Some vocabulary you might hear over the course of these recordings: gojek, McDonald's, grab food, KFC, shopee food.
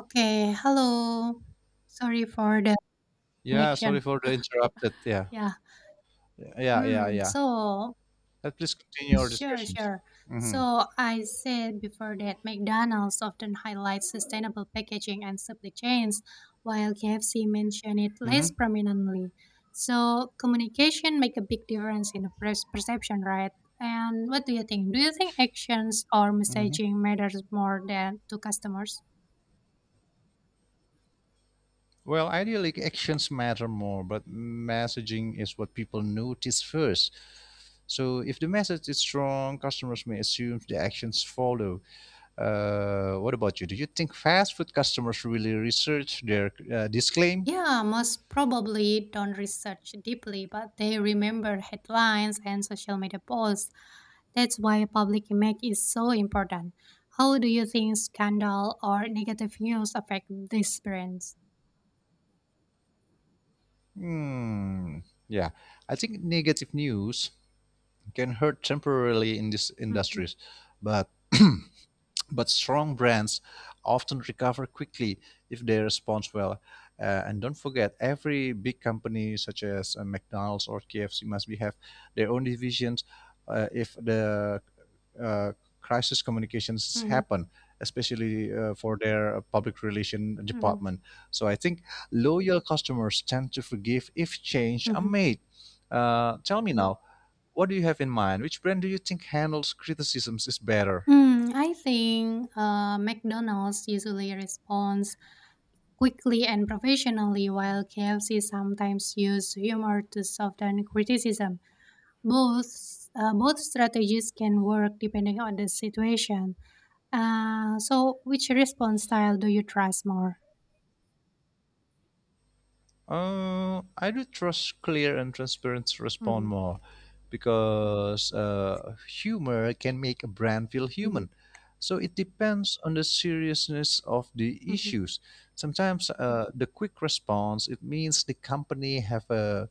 Okay, hello. Sorry for the Yeah, sorry connection. for the interrupted. Yeah, Yeah. yeah, yeah, Mm, yeah. so, Let please continue our sure, discussions. sure. Mm-hmm. So, I said before that McDonald's often highlights sustainable packaging and supply chains, while KFC mentioned it Mm-hmm. less prominently. So, communication make a big difference in the perception, right? And what do you think? Do you think actions or Mm-hmm. messaging matters more than to customers? Well, ideally, actions matter more, but messaging is what people notice first. So, if the message is strong, customers may assume the actions follow. What about you? Do you think fast food customers really research their disclaim? Yeah, most probably don't research deeply, but they remember headlines and social media posts. That's why public image is so important. How do you think scandal or negative news affect these brands? Hmm. Yeah, I think negative news can hurt temporarily in these Mhm, industries, but but strong brands often recover quickly if they respond well. And don't forget, every big company such as McDonald's or KFC must be have their own divisions if the uh, crisis communications mhm, happen, especially for their public relation mhm, department. So I think loyal customers tend to forgive if change are mhm. made. Tell me now, what do you have in mind? Which brand do you think handles criticisms is better? Mm, I think McDonald's usually responds quickly and professionally, while KFC sometimes use humor to soften criticism. Both strategies can work depending on the situation. So, which response style do you trust more? I do trust clear and transparent respond Mhm, more because humor can make a brand feel mhm, human. So it depends on the seriousness of the mhm, issues. Sometimes the quick response it means the company have a,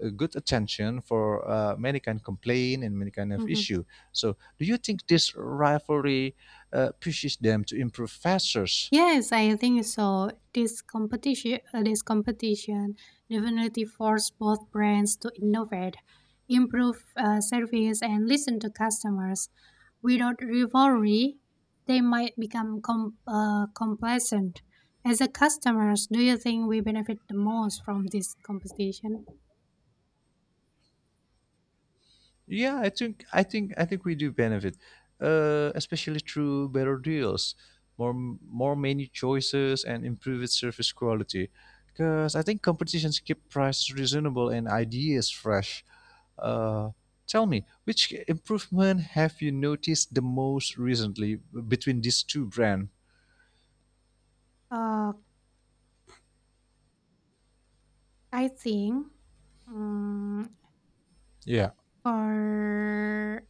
a good attention for many kind of complaint and many kind of mhm. issue. So do you think this rivalry pushes them to improve faster? Yes, I think so. This competition definitely forced both brands to innovate, improve service, and listen to customers. Without rivalry, they might become complacent. As a customers, do you think we benefit the most from this competition? Yeah, I think we do benefit, especially through better deals, more menu choices, and improved service quality. Because I think competitions keep prices reasonable and ideas fresh. Uh, Tell me, which improvement have you noticed the most recently between these two brands? Uh, I think mm Yeah. for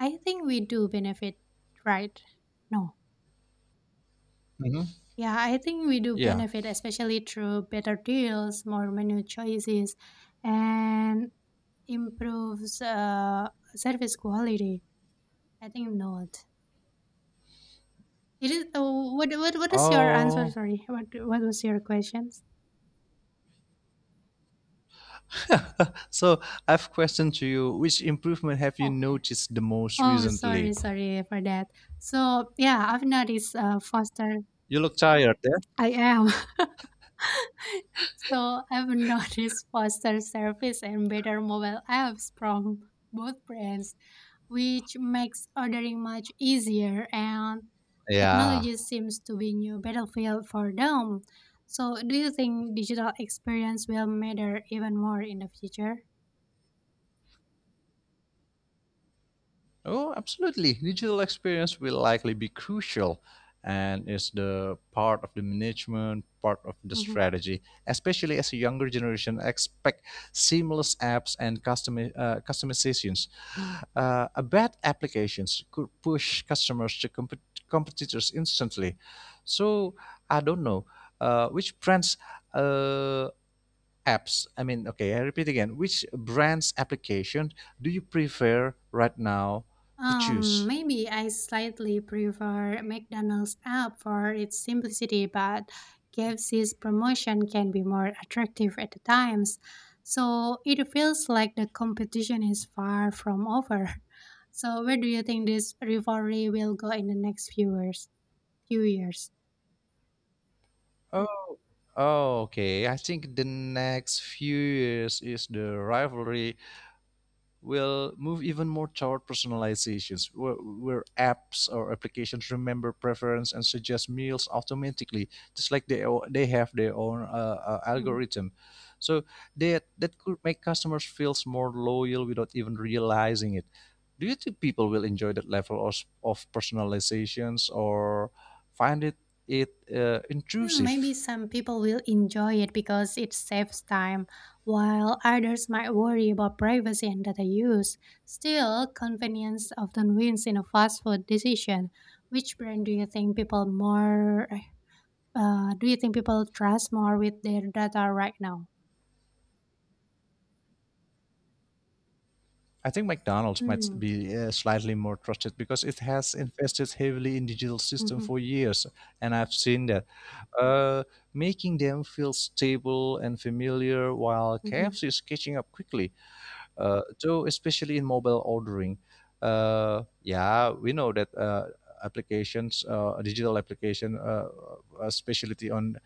I think we do benefit, right? No. hmm Yeah, I think we do Yeah. benefit, especially through better deals, more menu choices, and improves service quality. I think not. It is. What is your answer? Oh, Sorry. What was your questions? so I've questioned to you, which improvement have you Okay. noticed the most Oh, recently? sorry, sorry for that. So yeah, I've noticed Foster. You look tired, eh? I am. So I've noticed faster service and better mobile apps from both brands, which makes ordering much easier, and Yeah. technology seems to be new battlefield for them. So do you think digital experience will matter even more in the future? Oh, absolutely. Digital experience will likely be crucial and is the part of the management, part of the Mm-hmm. strategy, especially as a younger generation expect seamless apps and customizations. A bad applications could push customers to competitors instantly. So I don't know which brands uh, apps, I mean, okay, I repeat again, which brands application do you prefer right now to choose? Maybe I slightly prefer McDonald's app for its simplicity, but KFC's promotion can be more attractive at the times. So it feels like the competition is far from over. So where do you think this rivalry will go in the next few years? Few years. Oh, oh, okay. I think the next few years is the rivalry will move even more toward personalizations, where apps or applications remember preference and suggest meals automatically, just like they have their own Mm-hmm. algorithm. So that could make customers feels more loyal without even realizing it. Do you think people will enjoy that level of personalizations or find it Hmm, maybe intrusive? some people will enjoy it because it saves time, while others might worry about privacy and data use. Still, convenience often wins in a fast food decision. Which brand do you think people more Do you think people trust more with their data right now? I think McDonald's might Mm. be slightly more trusted because it has invested heavily in digital system Mm-hmm. for years, and I've seen that, uh, making them feel stable and familiar. While Mm-hmm. KFC is catching up quickly, so especially in mobile ordering yeah we know that applications digital application specialty on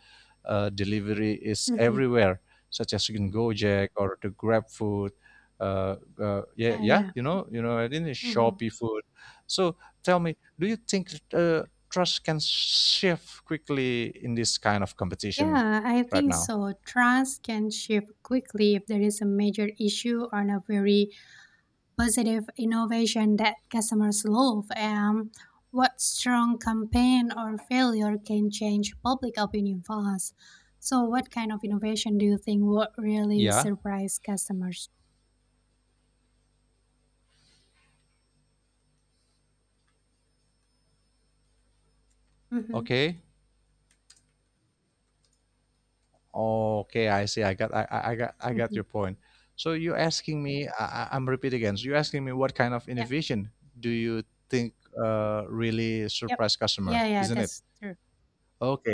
delivery is Mm-hmm. everywhere such as in gojek or the grab food uh, yeah Yeah, yeah yeah. You know I didn't Mm-hmm. shopee food. So tell me, do you think trust can shift quickly in this kind of competition Yeah, I right think now? so. Trust can shift quickly if there is a major issue on a very positive innovation that customers love, and what strong campaign or failure can change public opinion fast. So, what kind of innovation do you think would really yeah surprise customers? Mm-hmm. okay Okay, I see. I got I got Mm-hmm. your point. So you're asking me, I'm repeat again. So you're asking me what kind of Yep. innovation do you think really Yep. surprise Yeah. customer, Yeah. isn't it? That's true. Okay,